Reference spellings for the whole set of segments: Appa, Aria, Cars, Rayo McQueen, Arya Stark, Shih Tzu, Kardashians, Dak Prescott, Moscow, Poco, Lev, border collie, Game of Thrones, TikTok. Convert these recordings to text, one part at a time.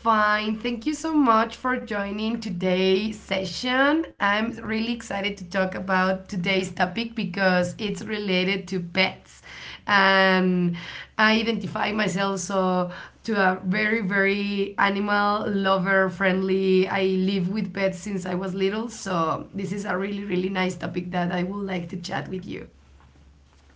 Fine. Thank you so much for joining today's session. I'm really excited to talk about today's topic because it's related to pets. And I identify myself so to a very, very animal lover friendly. I live with pets since I was little, so this is a really, really nice topic that I would like to chat with you.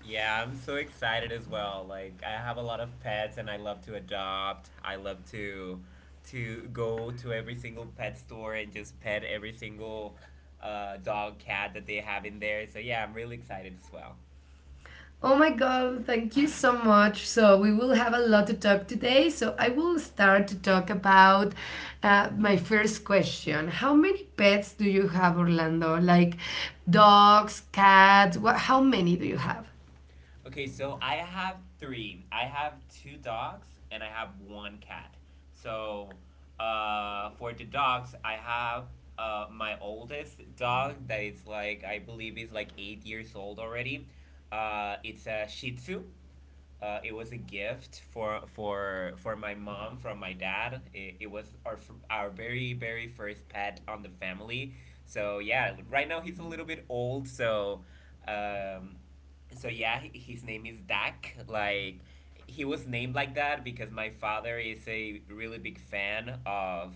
Yeah, I'm so excited as well. Like, I have a lot of pets and I love to adopt. I love to go to every single pet store and just pet every single dog, cat that they have in there. So yeah, I'm really excited as well. Oh my God, thank you so much. So, we will have a lot to talk today. So, I will start to talk about my first question. How many pets do you have, Orlando? Like dogs, cats? How many do you have? Okay, so I have three. I have two dogs and I have one cat. So, for the dogs, I have my oldest dog that is like I believe is like 8 years old already. It's a Shih Tzu. It was a gift for my mom from my dad. It was our very very first pet on the family. So yeah, right now he's a little bit old. Um, so yeah, his name is Dak. Like he was named like that because my father is a really big fan of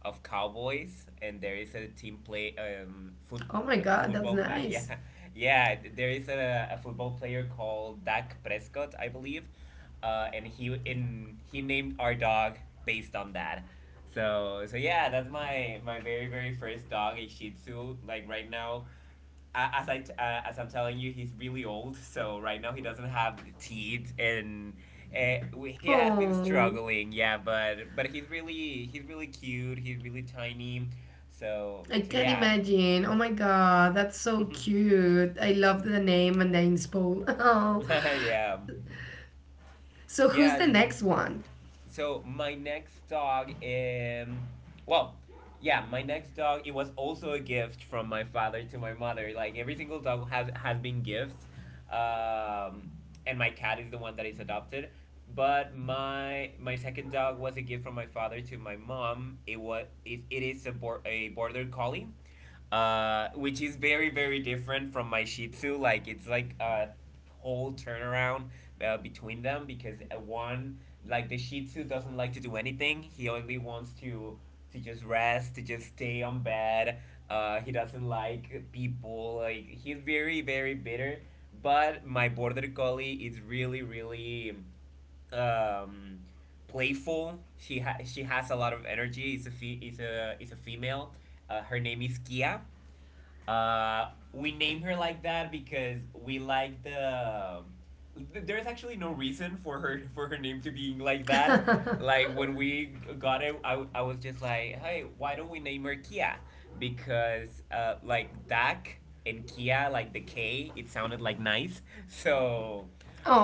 cowboys, and there is a team play Oh my God, that's football nice. Yeah, there is a football player called Dak Prescott, I believe, and he named our dog based on that. So yeah, that's my my very very first dog, a Shih Tzu. Like right now, as I'm telling you, he's really old. So right now he doesn't have teeth, and he has been Oh, struggling. Yeah, but he's really cute. He's really tiny. So I so can yeah. imagine. Oh my God, that's so cute. I love the name and the inspo. Oh, yeah. so who's Yeah, the next one? so my next dog well yeah, my next dog, it was also a gift from my father to my mother. Like every single dog has been gifts, um and my cat is the one that is adopted, but my second dog was a gift from my father to my mom. It is a, a border collie, which is very very different from my Shih Tzu. Like it's like a whole turnaround between them because one like the Shih Tzu doesn't like to do anything. He only wants to just rest, to just stay on bed. He doesn't like people. Like he's very very bitter. But my border collie is really really um playful. She has a lot of energy. It's a fe- it's a It's a female. Her name is Kia. We name her like that because we like the. There's actually no reason for her name to being like that. Like when we got it, I was just like, hey, why don't we name her Kia? Because like Dak and Kia, like the K, it sounded like nice. So,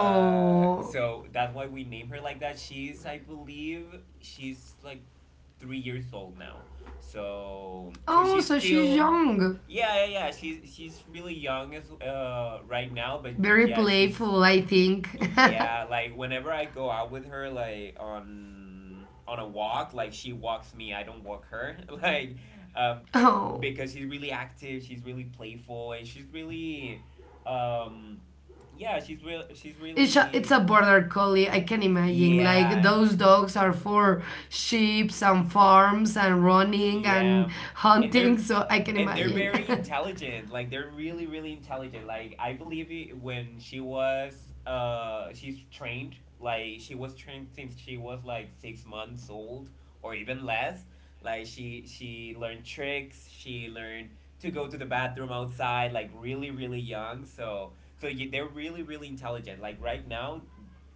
so that's why we name her like that. She's, I believe, she's like 3 years old now. So, so oh, she's so she's still young. yeah, yeah, yeah. She's really young as right now, but Very yeah, she's playful, I think. yeah, like whenever I go out with her like on a walk, like she walks me, I don't walk her. Like um oh, because she's really active, she's really playful, and she's really um yeah, she's really it's a nice. border collie. I can imagine. Like Yeah. those dogs are for sheep and farms and running Yeah. and And hunting. they're So I can and they're imagine. very intelligent. Like they're really really intelligent. Like I believe it, when she was she's trained. Like she was trained since she was like 6 months old or even less. Like she learned tricks, she learned to go to the bathroom outside like really really young. They're really really intelligent. Like right now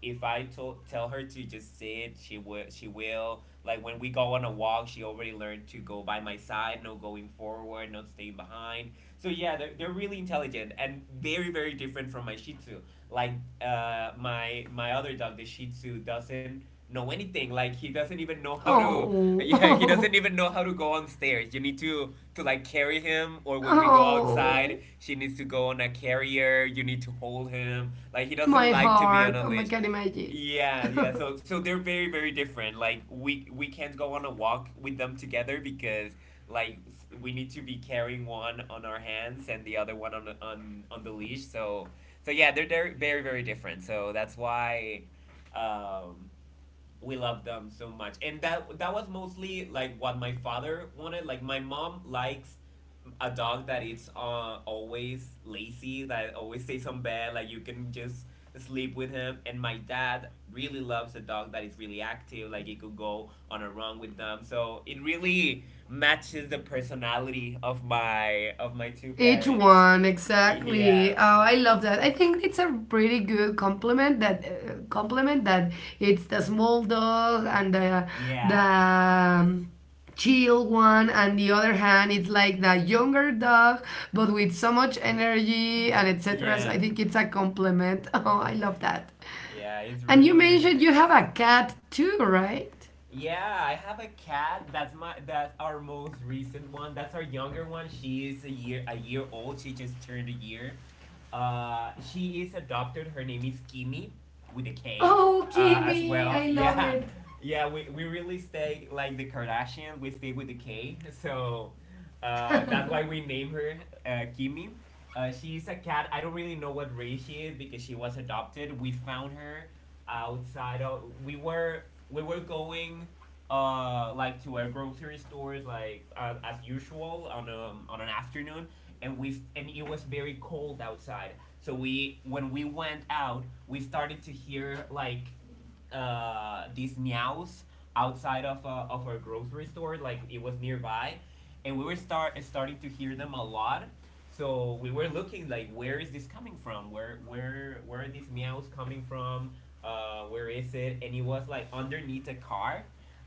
if I told tell her to just sit, she will, like when we go on a walk, she already learned to go by my side, no going forward, not staying behind. So yeah, they're really intelligent and very very different from my Shih Tzu. Like my my other dog, the Shih Tzu, doesn't know anything. Like he doesn't even know how to. oh, Yeah, he doesn't oh, even know how to go on stairs. You need to like carry him, or when we go oh, outside, she needs to go on a carrier. You need to hold him. Like he doesn't my like to be on heart. a Oh, I leash. can imagine. Yeah, yeah. So they're very very different. Like we can't go on a walk with them together because we need to be carrying one on our hands and the other one on on the leash. So yeah, they're very very very different. So that's why um we love them so much. And that was mostly like what my father wanted. Like my mom likes a dog that it's always lazy, that always stays on bed, like you can just sleep with him. And my dad really loves a dog that is really active, like it could go on a run with them. So it really matches the personality of my two Each parents. one, exactly. Yeah. Oh, I love that. I think it's a pretty good compliment that it's the small dog and the the Yeah, um, chill one, and the other hand, it's like the younger dog, but with so much energy and etc. So I yeah, think it's a compliment. Oh, I love that. yeah, it's And you really really mentioned you have nice. a cat too, right? Yeah, I have a cat. That's our most recent one. That's our younger one. She is a year old. She just turned a year. She is adopted. Her name is Kimi with a K, Oh, as Kimmy, well. I love Yeah. it. We really stay like the Kardashians. We stay with the K. That's why we name her Kimi. She's a cat. I don't really know what race she is because she was adopted. We found her outside of. We were going like to our grocery stores like as usual on an afternoon. And we and It was very cold outside. So we when we went out, we started to hear like these meows outside of our grocery store, like it was nearby, and we were starting to hear them a lot. So we were looking like, where is this coming from? Where are these meows coming from? Where is it? And it was like underneath a car,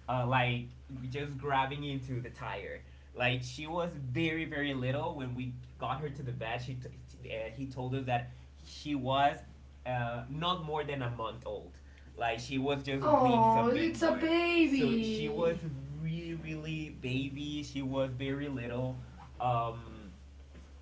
uh, like just grabbing into the tire. Like she was very very little. When we got her to the vet, he told us that she was not more than a month old. Like she was just weeks Oh, of being it's a born. So she was baby. really, really baby. She was very little. Um,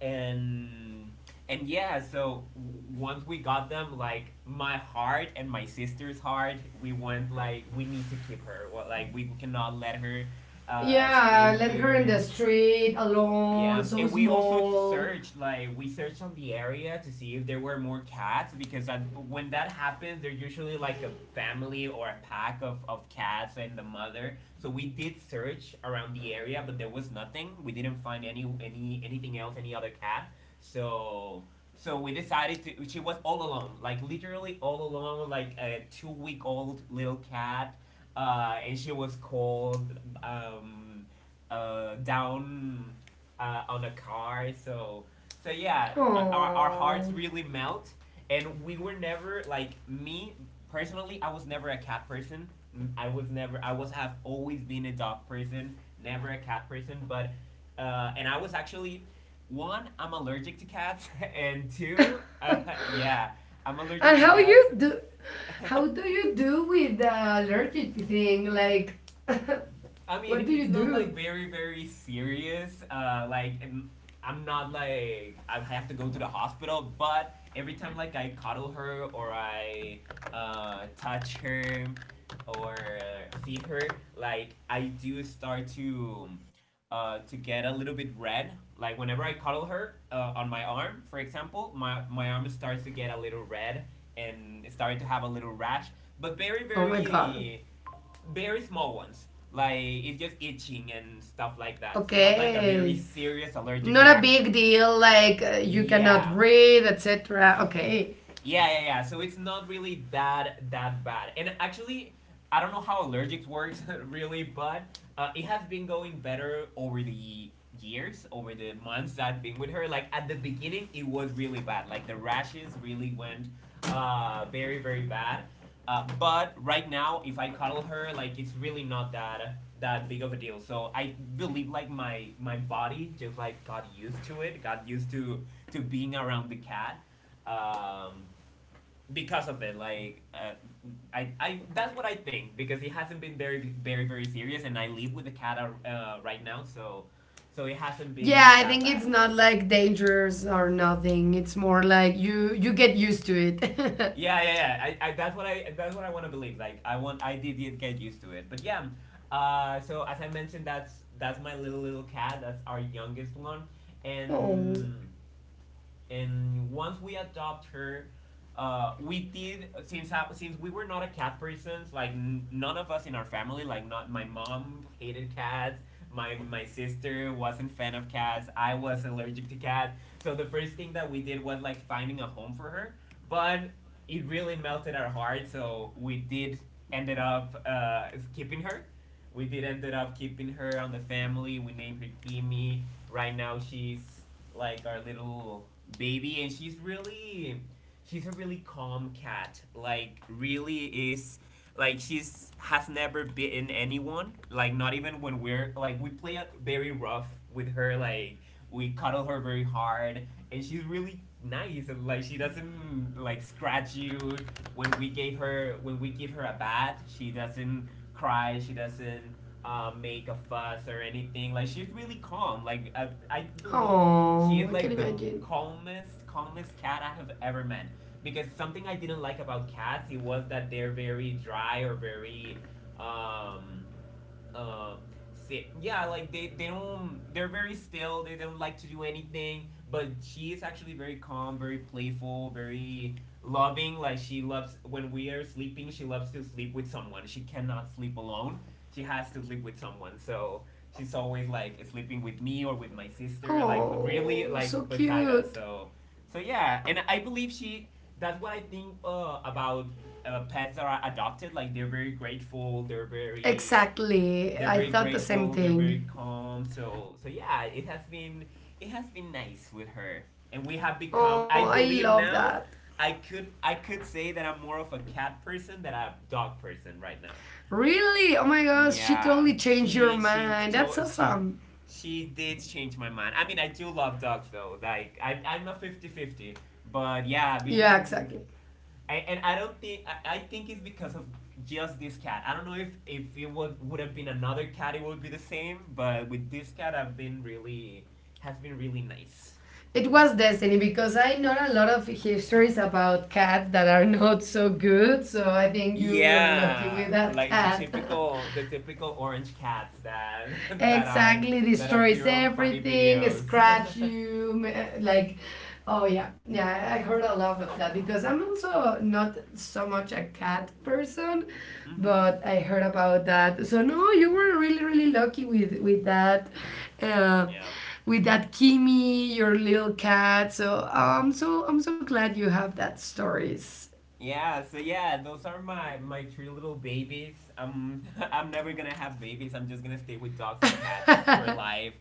and and yeah, so once we got them, like my heart and my sister's heart, we want like we need to keep her. Well, like we cannot let her stay Yeah, I let her in here. the street alone, Yeah, so and we also small. searched. Like we searched on the area to see if there were more cats because that, when that happens, they're usually like a family or a pack of cats and the mother. So we did search around the area, but there was nothing. We didn't find any anything else, any other cat. So so we decided to. She was all alone, like literally all alone, like a 2 week old little cat, and she was called down on a car. So so yeah, our hearts Oh. really melt, and we were never like me personally. I was never a cat person. I was never. I was have always been a dog person, never a cat person. But and I was actually one. I'm allergic to cats, and two, yeah, I'm And allergic to cats. How do you do with the allergic thing? Like I what mean, do you it's not like do? very, very serious. Not like, I have to go to the hospital, but every time like I cuddle her or I touch her or feed her, like I do start to get a little bit red. Like whenever I cuddle her on my arm, for example, my arm starts to get a little red and started to have a little rash, but Oh my god. Very small ones. Like it's just itching and stuff like that. It's not like a very Okay. serious allergic Not a big reaction. deal like you cannot Yeah, breathe, etc. Okay. yeah, yeah, yeah. So it's not really that that bad. And actually, I don't know how allergics works. Really, but it has been going better over the years, over the months I've been with her. Like at the beginning, it was really bad. Like the rashes really went very, very bad. But right now, if I cuddle her, like it's really not that that big of a deal. So I believe like my body just like got used to it, got used to being around the cat. Um, because of it. I, that's what I think because it hasn't been very, very, very serious, and I live with the cat right now, so it hasn't Yeah, been I that think it's bad. not like dangerous or nothing. It's more like you get used to it. Yeah, yeah, yeah. I, that's what that's what I want to believe. Like, I want, get used to it, but yeah. So as I mentioned, that's my little cat. That's our youngest one, oh. and and once we adopt her we did since we were not a cat persons like none of us in our family, like not my mom hated cats, my sister wasn't fan of cats, I was allergic to cats. So the first thing that we did was like finding a home for her, but it really melted our heart, so we did ended up keeping her. We did ended up keeping her on the family. We named her Kimmy. Right now she's like our little baby, and she's a really calm cat. Like really is, like she's has never bitten anyone. Like not even when we're like we play it very rough with her. Like we cuddle her very hard, and she's really nice and like she doesn't like scratch you. When we give her a bath, she doesn't cry. She doesn't. Make a fuss or anything. Like she's really calm. Like I believe she Oh, is I can like the imagine. Calmest cat I have ever met. Because something I didn't like about cats, it was that they're very dry or very um uh, sit. Yeah, like they don't, they're very still. They don't like to do anything. But she is actually very calm, very playful, very loving. Like she loves, when we are sleeping, she loves to sleep with someone. She cannot sleep alone. She has to sleep with someone. So she's always like sleeping with me or with my sister, like really Oh, so like beside us. cute. So, so yeah. And I believe she, that's what I think about pets that are adopted. Like they're very grateful. Exactly. They're I very thought the same grateful. They're thing. very calm. So so yeah, it has been nice with her, and we have become, Oh, I I believe love now, that. I could say that I'm more of a cat person than a dog person right now. Really? Oh my gosh, she Yeah, totally changed your she mind. That's told she. awesome. She did change my mind. I mean, I do love dogs though. Like, I'm a 50/50. But yeah, Yeah, exactly. I, and I don't think I think it's because of just this cat. I don't know if it would have been another cat, it would be the same. But with this cat, I've been really has been really nice. It was destiny because I know a lot of histories about cats that are not so good, so I think you were lucky with Yeah, that like cat. The typical orange cats that that are Exactly, that destroys appear on funny everything, videos. scratch you, like, oh yeah, yeah. I heard a lot of that because I'm also not so much a cat person, Mm-hmm. but I heard about that. So no, you were really really lucky with that, uh, Yeah. with that Kimi, your little cat. So I'm so glad you have that stories. Yeah, so yeah, those are my three little babies. I'm never gonna have babies. I'm just gonna stay with dogs and cats for life.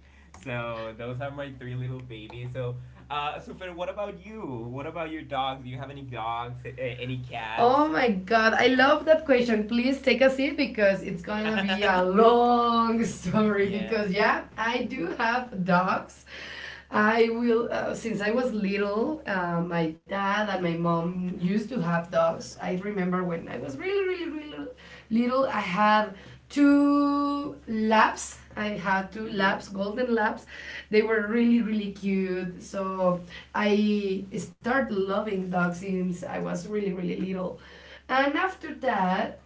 So those are my three little babies. So, Super, what about you? What about your dogs? Do you have any dogs? Any cats? Oh my god, I love that question. Please take a seat because it's gonna be a long story. Yeah. Because, yeah, I do have dogs. I will, since I was little, my dad and my mom used to have dogs. I remember when I was really, really, really little, I had two labs. I had two labs, Mhm. golden labs. They were really, really cute. So I started loving dogs since I was really, really little. And after that,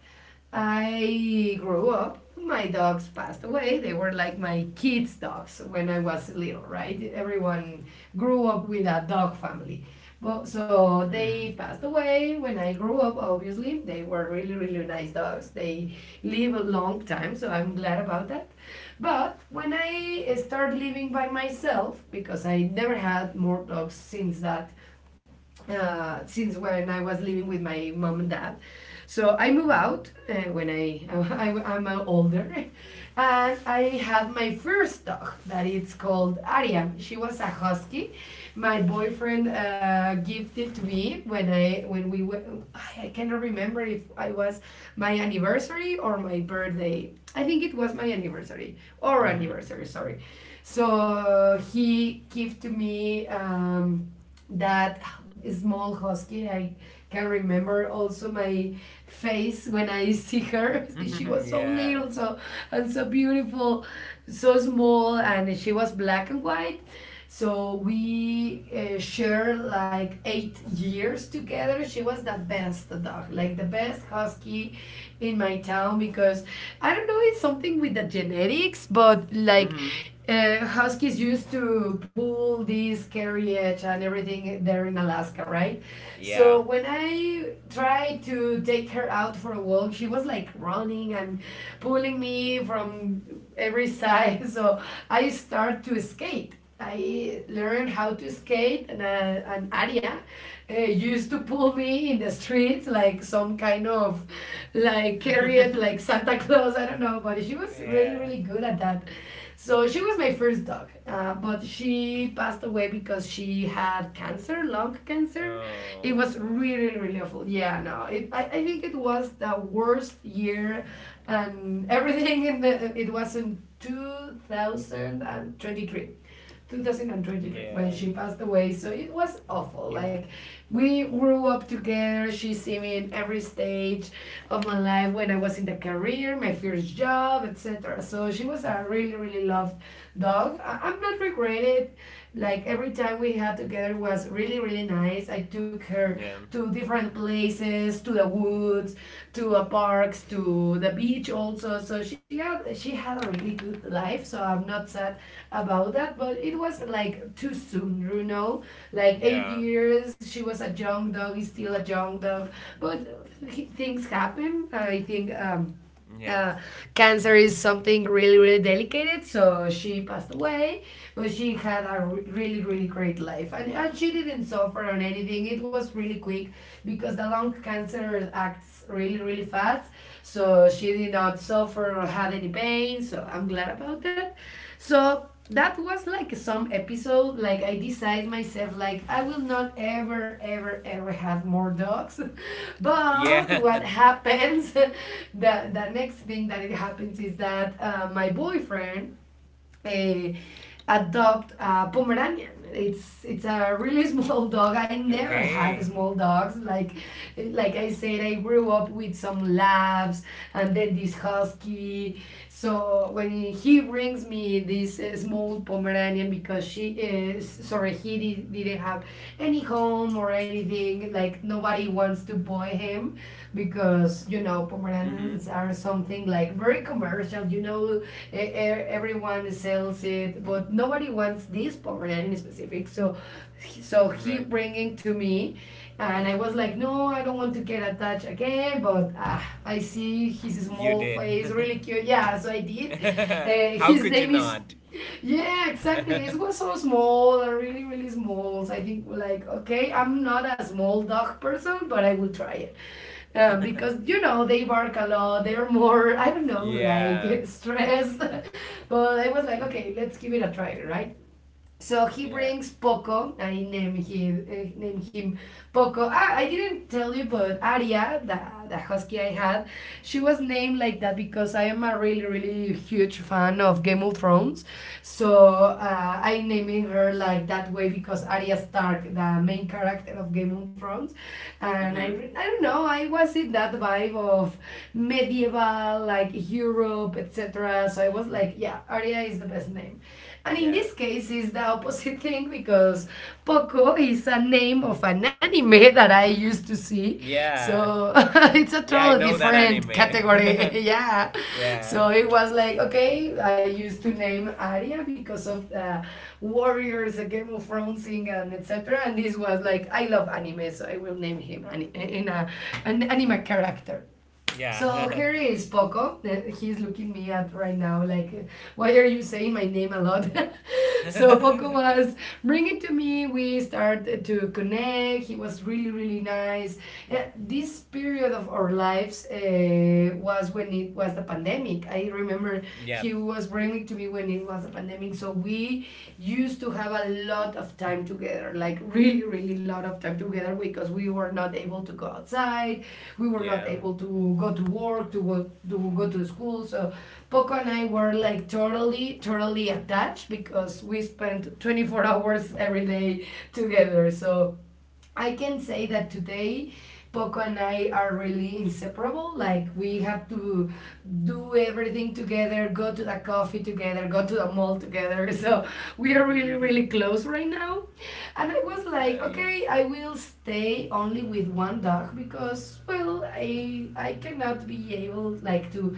I grew up. My dogs passed away. They were like my kids' dogs when I was little, right? Everyone grew up with a dog family. But so they Mhm. passed away when I grew up. Obviously, they were really really nice dogs. They live a long time, so I'm glad about that. But when I started living by myself, because I never had more dogs since that, since when I was living with my mom and dad. So I moved out when I'm older, and I had my first dog that it's called Aria. She was a husky. My boyfriend gifted to me when we were, I cannot remember if I was my anniversary or my birthday. I think it was my anniversary or Mhm. anniversary. Sorry. So he gave to me. That small husky. I can remember also my face when I see her. She Mhm. was so Yeah. little, so and so beautiful, so small, and she was black and white. So we shared like 8 years together. She was the best dog, like the best husky in my town because I don't know, it's something with the genetics, but like Mhm. Huskies used to pull this carriage and everything there in Alaska, right? Yeah. So when I tried to take her out for a walk, she was like running and pulling me from every side. So I start to skate. I learned how to skate, and an Aria used to pull me in the streets like some kind of like carriage, like Santa Claus. I don't know, but she was really, Yeah. really good at that. So she was my first dog, but she passed away because she had cancer, lung cancer. It Oh. was really, really awful. Yeah, no, I think it was the worst year and everything in the, it was in 2023. 2023 when Yeah. she passed away. So it was awful. You. Like we grew up together. She see me in every stage of my life when I was in the career, my first job, etc. So she was a really really loved dog. I'm not regretted. Like every time we had together was really really nice. I took her nature, Yeah. to different places, to the woods, to parks, to the beach also. So she had a really good life. So I'm not sad about that, but it was like too soon, you know. Like eight Yeah. years, she was a young dog, is still a young dog, but things happen. I think Yeah. uh, cancer is something really really delicate, so she passed away, but she had a really really great life, and she didn't suffer on anything. It was really quick because the lung cancer acts really really fast, so she did not suffer or had any pain, so I'm glad about that. So that was like some episode. Like I decide myself like I will not ever ever ever have more dogs. But Yeah. what happens, the next thing that it happens is that my boyfriend uh, adopt a Pomeranian. It's a really small dog. I never had Okay. small dogs. Like I said, I grew up with some labs and then this husky. So when he brings me this small Pomeranian because she is sorry he did, didn't have any home or him or anything. Like nobody wants to buy him because you know Mm-hmm. pomeranians are something like very commercial. You know, everyone sells it, but nobody wants this pomeranian in specific. So he Right. bringing to me. And I was like, no, I don't want to get attached again, but ah, I see his You small did. face, really cute. Yeah, so I did. How His could you name is not? yeah, yeah, exactly. It was so small, really, really small. So I think like, okay, I'm not a small dog person, but I will try it. Because you know they bark a lot, they're more I don't know, Yeah. like stressed. But I was like, okay, let's give it a try, right? So he Yeah. brings Poco. I name him Poco. Ah, I didn't tell you, but Aria, the husky I had, she was named like that because I am a really really huge fan of Game of Thrones. So I naming her like that way because Arya Stark, the main character of Game of Thrones, and Mm-hmm. I don't know, I was in that vibe of medieval like Europe etc. So I was like yeah Arya is the best name. And in Yeah. this case, it's the opposite thing because Poco is a name of an anime that I used to see. Yeah. So it's a Yeah, I totally know that different anime. category. yeah. Yeah. So it was like, okay, I used to name Arya because of the Warriors, the Game of Thrones thing, and etc. And this was like, I love anime, so I will name him an anime character. So Yeah. here is Poco. He's looking me at right now like, why are you saying my name a lot? So Poco was bring it to me. We started to connect. He was really really nice. This period of our lives was when it was the pandemic. I remember Yep. he was bringing it to me when it was the pandemic, so we used to have a lot of time together, like really lot of time together, because we were not able to go outside, we were not Yeah. able to go to work, to go to school. So Poco and I were like totally attached because we spent 24 hours every day together. So I can say that today Poco and I are really inseparable. Like we have to do everything together, go to the coffee together, go to the mall together. So we are really, really close right now. And I was That's like, nice. okay, I will stay only with one dog, because well I cannot be able like to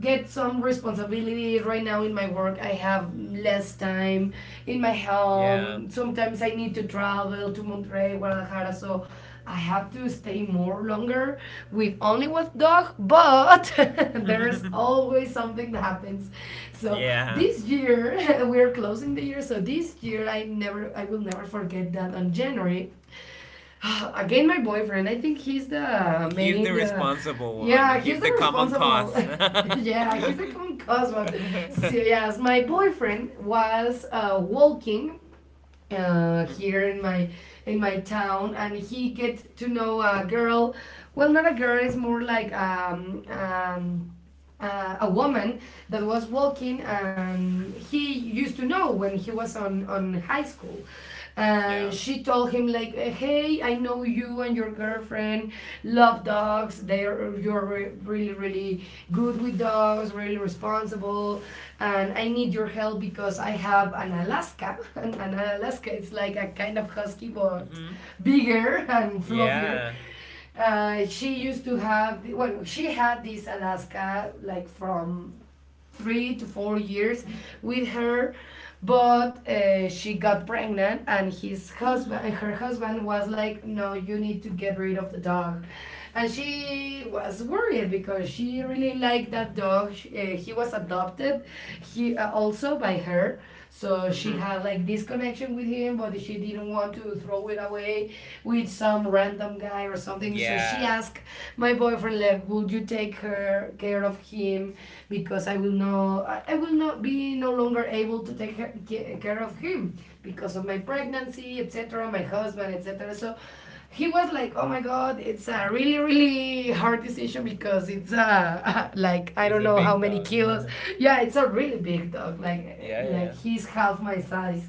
get some responsibility right now. In my work I have less time, in my Yeah. home, sometimes I need to travel to Monterrey, Guadalajara, so I have to stay more longer with only one dog. But there's always something that happens. So Yeah. this year, we're closing the year, so this year I will never forget that on January, again, my boyfriend. I think he's the He's the main. Uh, responsible one. yeah, he's He's the the common responsible. cause. Yeah, he's the common cause one. So yes, my boyfriend was walking here in my town, and he get to know a girl. Well, not a girl. It's more like a woman that was walking, and he used to know when he was on high school. And Yeah. she told him like, hey, I know you and your girlfriend love dogs, they're you're really really good with dogs, really responsible, and I need your help because I have an Alaska. And an Alaska, it's like a kind of husky, but Hmm. bigger and fluffier. Yeah. She used to have, well, she had this Alaska like from 3 to 4 years with her, but she got pregnant, and his husband, Hmm. her husband was like, no, you need to get rid of the dog. And she was worried because she really liked that dog. She, he was adopted, he also by her. So she had like this connection with him, but she didn't want to throw it away with some random guy alive or something. So she Yeah. asked my boyfriend, Lev, would you take her care of him, because I will no, will not be no longer able to take her, care of him, because of my pregnancy, etc., my husband, etc. So he was like, oh my god, it's a really really hard decision, because it's like I It's a don't know big how many dog. kilos. Yeah, it's a really big dog. Like Yeah, yeah, yeah. He's half my size.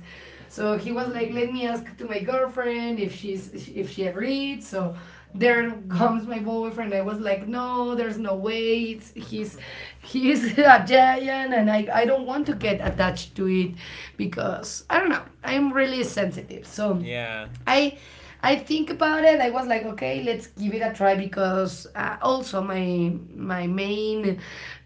So he was like, Hmm. "Let me ask to my girlfriend if she's if she agreed." So there comes my boyfriend. I was like, "No, there's no way. It's, he's a giant, and I don't want to get attached to it because I don't know. I'm really sensitive. So Yeah. I." I think about it. I was like, okay, let's give it a try, because also my main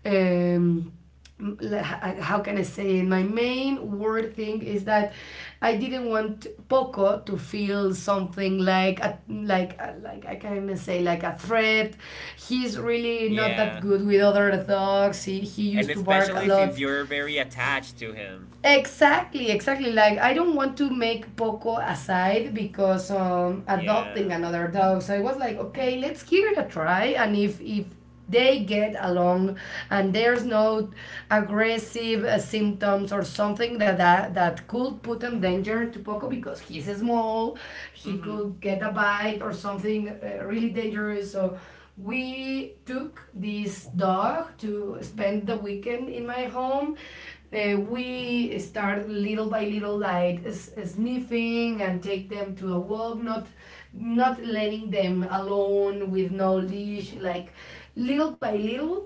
um, like, how can I say it? My main word thing is that I didn't want Poco to feel something like a, like I can say like a threat. He's really not that Yeah. good with other dogs. He And used to bark a especially since lot. you're very attached to him. Exactly, exactly. Like I don't want to make Poco aside because adopting Yeah. another dog. So I was like, okay, let's give it a try, and if they get along and there's no aggressive symptoms or something that, that could put in danger to Poco, because he's small, he Mm-hmm. could get a bite or something really dangerous. So we took this dog to spend the weekend in my home. We start little by little, like sniffing and take them to a walk, not letting them alone with no leash, like little by little,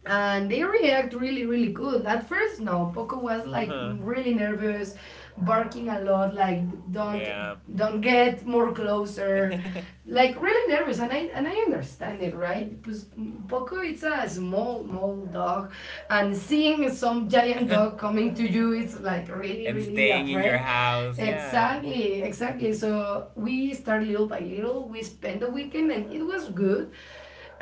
and they react really really good at first. No, Poco was like Uh-huh. really nervous, barking a lot, like don't Yeah. Get more closer, like really nervous. And I understand it, right, because Poco, it's a small dog, and seeing some giant dog coming to you is like really And really a staying in your threat. house, yes. Exactly, exactly. So we start little by little, we spend the weekend, and it was good.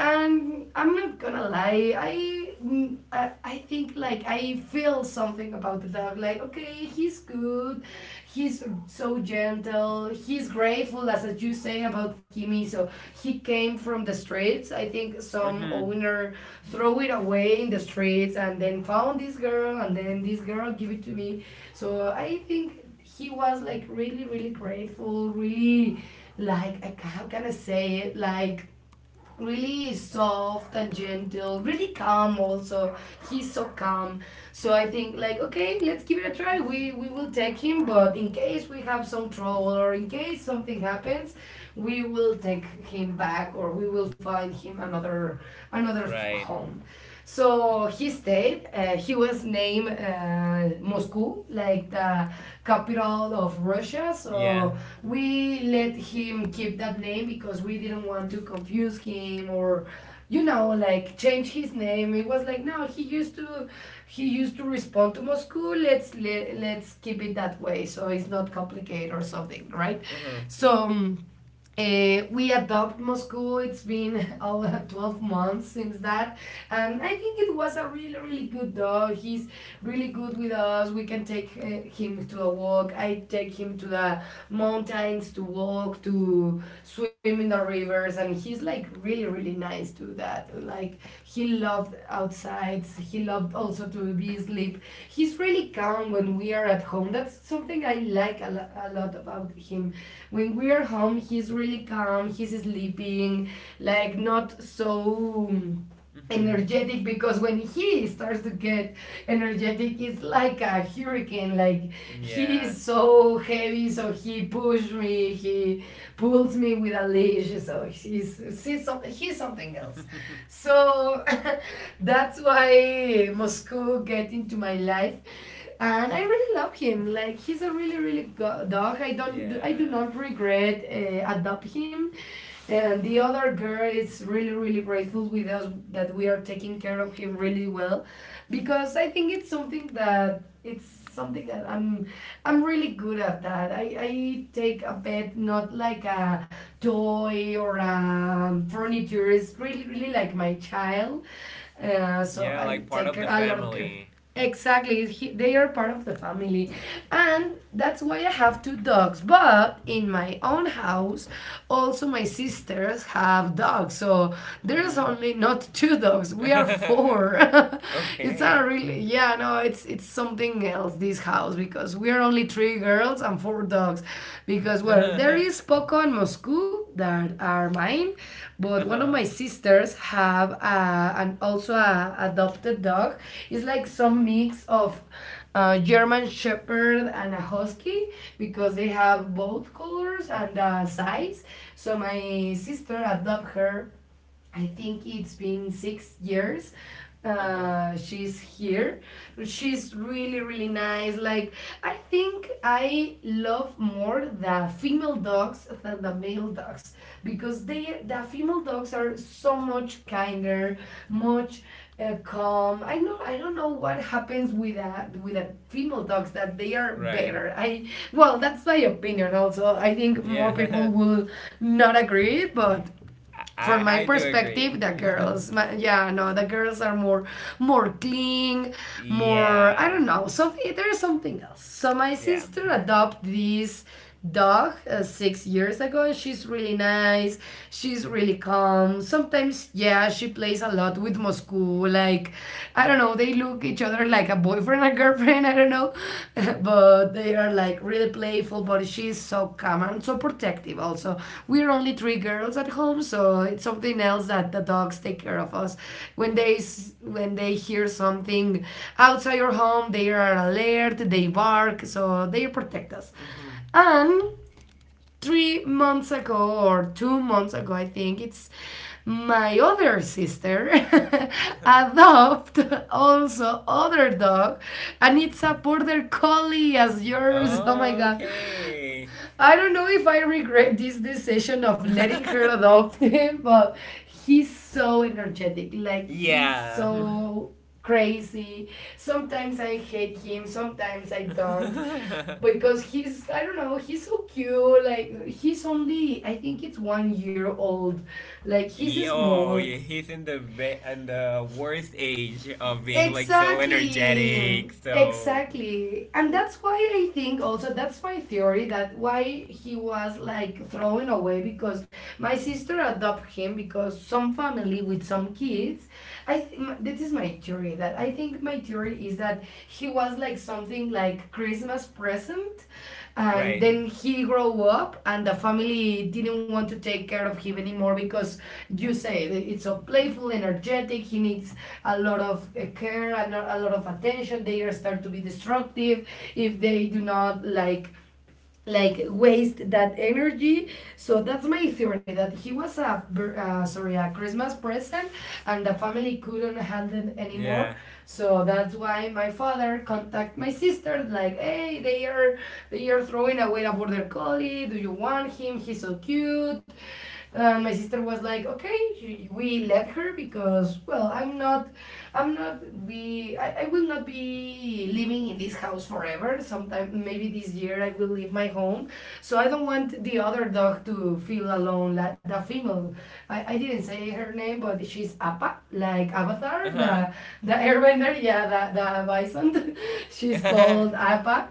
And I'm not gonna lie, I think like I feel something about the dog. Like okay, he's good, he's so gentle, he's grateful as you say about Kimi. So he came from the streets. I think some Mm-hmm. owner throw it away in the streets, and then found this girl, and then this girl give it to me. So I think he was like really really grateful, really like how can I say it, like really soft and gentle, really calm also. He's so calm. So I think like okay, let's give it a try. We will take him, but in case we have some trouble or in case something happens, we will take him back, or we will find him another another Right. home. So he stayed. He was named Moscow, like the capital of Russia. Yeah. So we let him keep that name because we didn't want to confuse him or, you know, like change his name. It was like no, he used to respond to Moscow. Let's let's keep it that way, so it's not complicated or something, right? Uh-huh. So. um, we adopt Moscow. It's been all 12 months since that. And I think it was a really, really good dog. He's really good with us. We can take him to a walk. I take him to the mountains to walk, to swim in the rivers. And he's like really, really nice to that. Like, he loved outsides. He loved also to be asleep. He's really calm when we are at home. That's something I like a, a lot about him. When we are home, he's really calm. He's sleeping, like not so Mm-hmm. energetic, because when he starts to get energetic, it's like a hurricane. Like he Yeah. is so heavy, so he pushes me, he pulls me with a leash. So he's something else. So that's why Moscow get into my life, and I really love him. Like he's a really really good dog. I do Yeah. not regret adopt him. And the other girl is really, really grateful with us that we are taking care of him really well, because I think it's something that I'm really good at that. I take a pet not like a toy or a furniture. It's really really like my child. So Yeah, I like part take of care, the a lot of care. family. Exactly, they are part of the family, and that's why I have two dogs. But in my own house, also my sisters have dogs, so there's Mm-hmm. only not two dogs. We are four. It's a Okay. really, yeah, no. It's something else. This house, because we are only three girls and four dogs. Because, well, there Uh-huh. is Poco and Moscow that are mine, but one of Uh-huh. my sisters have a, and also a adopted dog. It's like some mix of a German Shepherd and a Husky, because they have both colors and size. So my sister adopted her, I think it's been 6 years. She's here. She's really, really nice. Like, I think I love more the female dogs than the male dogs, because they, the female dogs are so much kinder, much calm. I know, I don't know what happens with a female dogs that they are Right. better. I, well, that's my opinion also. I think more people Yeah. will not agree, but I from I my I do agree. perspective the girls my, yeah no the girls are more clean, more I Yeah. don't know. So there's something else. So my Yeah. sister adopted this dog 6 years ago. She's really nice, she's really calm. Sometimes, yeah, she plays a lot with Moscow, like I don't know, they look each other like a boyfriend and girlfriend. I don't know, but they are like really playful. But she's so calm and so protective. Also, we're only three girls at home, so it's something else that the dogs take care of us. When they when they hear something outside your home, they are alert. They bark, so they protect us. And 3 months ago or 2 months ago, I think it's my other sister Mm-hmm. adopted also other dog, and it's a border collie as yours. Oh my god, Okay. I don't know if I regret this decision of letting her adopt him, but he's so energetic. Like he's Yeah. so crazy. Sometimes I hate him, sometimes I don't. Because he's I don't know, he's so cute. Like he's only, I think it's 1 year old. Like he's Oh, small. yeah, he's in the in the worst age of being like so Exactly. energetic. So Exactly. And that's why I think also, that's my theory that why he was like thrown away, because my sister adopted him because some family with some kids. This is my theory that I think my theory is that he was like something like Christmas present, and right, then he grow up, and the family didn't want to take care of him anymore because you say it's so playful, energetic. He needs a lot of care and a lot of attention. They start to be destructive if they do not like waste that energy. So that's my theory that he was a bir- sorry a Christmas present and the family couldn't handle it anymore. yeah, So that's why my father contact my sister like, hey, they are throwing away a border collie, do you want him, he's so cute. And my sister was like, okay, we left her because, well, I will not be living in this house forever. Sometime maybe this year I will leave my home, so I don't want the other dog to feel alone, like the female. I didn't say her name, but she's Appa, like uh Avatar huh, the Airbender, yeah, the bison she's called Appa.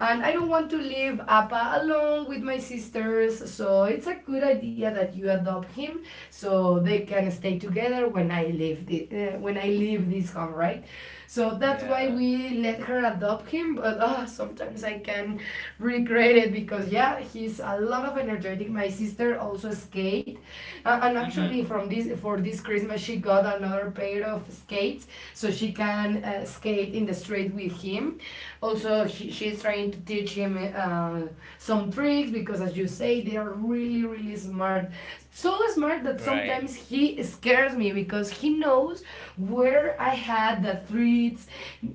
And I don't want to leave Appa alone with my sisters. So it's a good idea that you adopt him so they can stay together when I leave when I leave this home, right? So that's why yeah, we let her adopt him. But oh, sometimes I can regret it because, yeah, he's a lot of energetic. My sister also skate, and actually mhm, from this for this Christmas she got another pair of skates so she can skate in the street with him. Also, she's trying to teach him some tricks because, as you say, they are really, really smart. So smart that right, sometimes he scares me because he knows where I had the treats,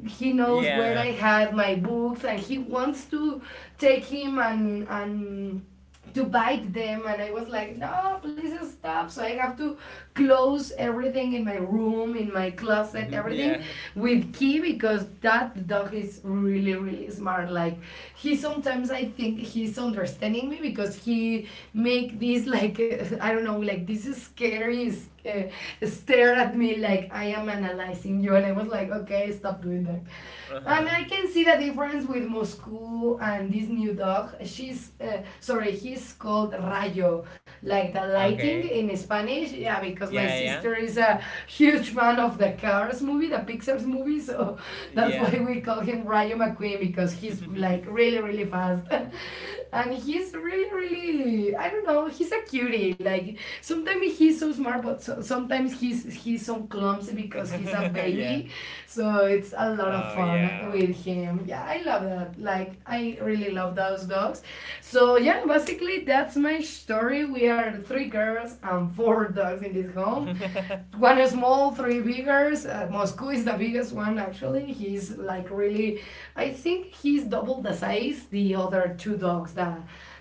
he knows yeah, where I had my books, and he wants to take him and to bite them. And I was like, no, please stop. So I have to close everything in my room, in my closet, mhm, everything yeah, with key, because that dog is really, really smart. Like, he sometimes, I think he's understanding me because he make this like I don't know, like this is scary. uh, Stare at me like I am analyzing you, and I was like, okay, stop doing that. uh And huh, I can see the difference with Moscow and this new dog. He's called Rayo, like the lighting okay, in Spanish. Yeah, because my yeah, sister is a huge fan of the Cars movie, the Pixar's movie, so that's yeah, why yeah, we call him Rayo McQueen because he's like really, really fast. And he's really, really, really, I don't know. He's a cutie. Like, sometimes he's so smart, but so, sometimes he's so clumsy because he's a yeah, yeah. baby. So it's a lot of Oh fun yeah. with him. Yeah, I love that. Like, I really love those dogs. So yeah, basically that's my story. We are three girls and four dogs in this home. One is small, three bigger. Moscow is the biggest one, actually. He's like really, I think he's double the size the other two dogs, the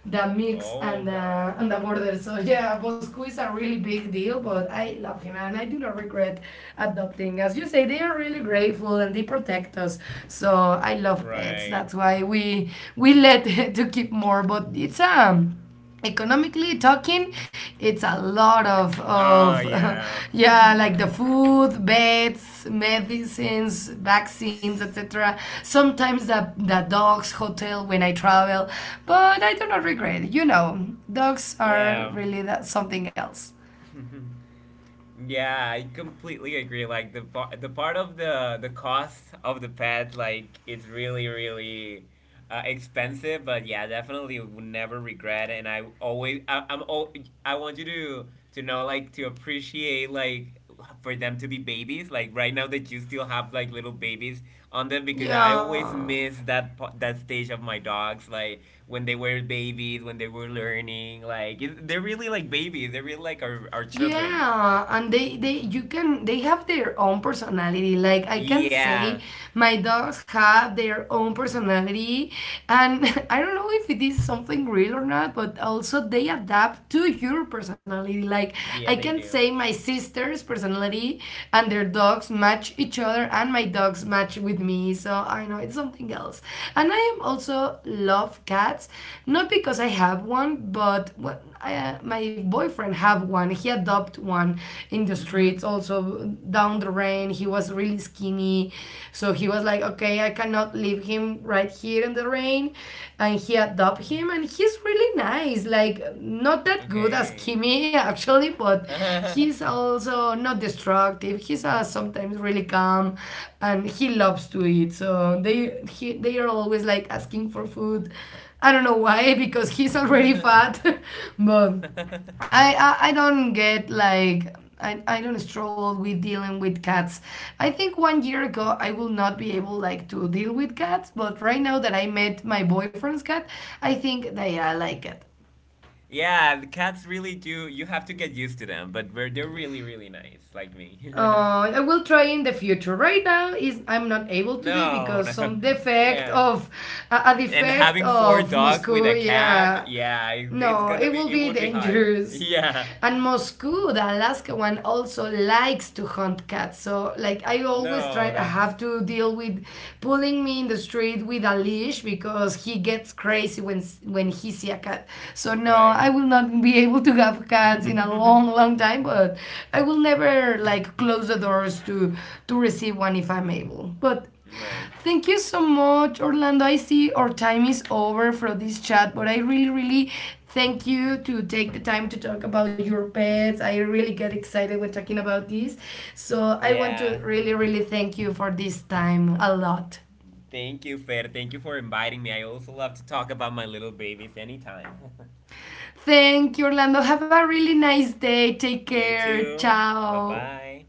mix Oh and the God. and the border. So yeah, Moscow is a really big deal, but I love him, and I do not regret adopting. As you say, they are really grateful and they protect us. So I love pets. Right. That's why we let to keep more, but it's economically talking it's a lot of Oh yeah. yeah, like the food, beds, medicines, vaccines, etc. Sometimes the dogs hotel when I travel, but I do not regret it. You know, dogs are Yeah. really that something else. Yeah, I completely agree. Like the part of the cost of the pet, like it's really really expensive. But yeah, definitely would never regret. It. And I always I, I'm al- I want you to know, like, to appreciate like for them to be babies. Like right now that you still have like little babies on them, because I always Yeah, miss that that stage of my dogs. Like when they were babies, when they were learning. Like it, they're really like babies. They're really like our children. Yeah, and they you can, they have their own personality. Like, I can Yeah. say my dogs have their own personality and I don't know if it is something real or not, but also they adapt to your personality. Like, I Yeah, they can do. say my sister's personality and their dogs match each other and my dogs match with me. So I know it's something else. And I am also love cats, not because I have one, but what my boyfriend have one. He adopted one in the streets. Mm-hmm. Also down the rain, he was really skinny, so he was like, okay, I cannot leave him right here in the rain, and he adopted him, and he's really nice. Like, not that good as Okay. Kimi, actually, but he's Mm-hmm. also not destructive. He's sometimes really calm, and he loves to eat. So they are always like asking for food. I don't know why, because he's already fat, but I, I I don't get like. I don't struggle with dealing with cats. I think 1 year ago I will not be able like to deal with cats, but right now that I met my boyfriend's cat, I think that, yeah, I like it. Yeah, the cats really do. You have to get used to them, but we're, they're really, really nice, like me. I will try in the future. Right now is I'm not able to do it No, because no. some defect Yeah. of a And defect having four of dogs with Moscow. a Yeah, cat, yeah, it's no, gonna it will be, it be would be hard. dangerous. Yeah. And Moscow, the Alaska one, also likes to hunt cats. So, like, I always No, try, I that's have to deal with pulling me in the street with a leash because he gets crazy when when he see a cat. So no, right. I will not be able to have cats in a Right. long, long time. But I will never like close the doors to receive one if I'm able. But thank you so much, Orlando. I see our time is over for this chat, but I really, really thank you to take the time to talk about your pets. I really get excited when talking about this. So I want to Yeah. really, really thank you for this time a lot. Thank you, Fer. Thank you for inviting me. I also love to talk about my little babies anytime. Thank you, Orlando. Have a really nice day. Take You care. too. Bye Ciao. bye.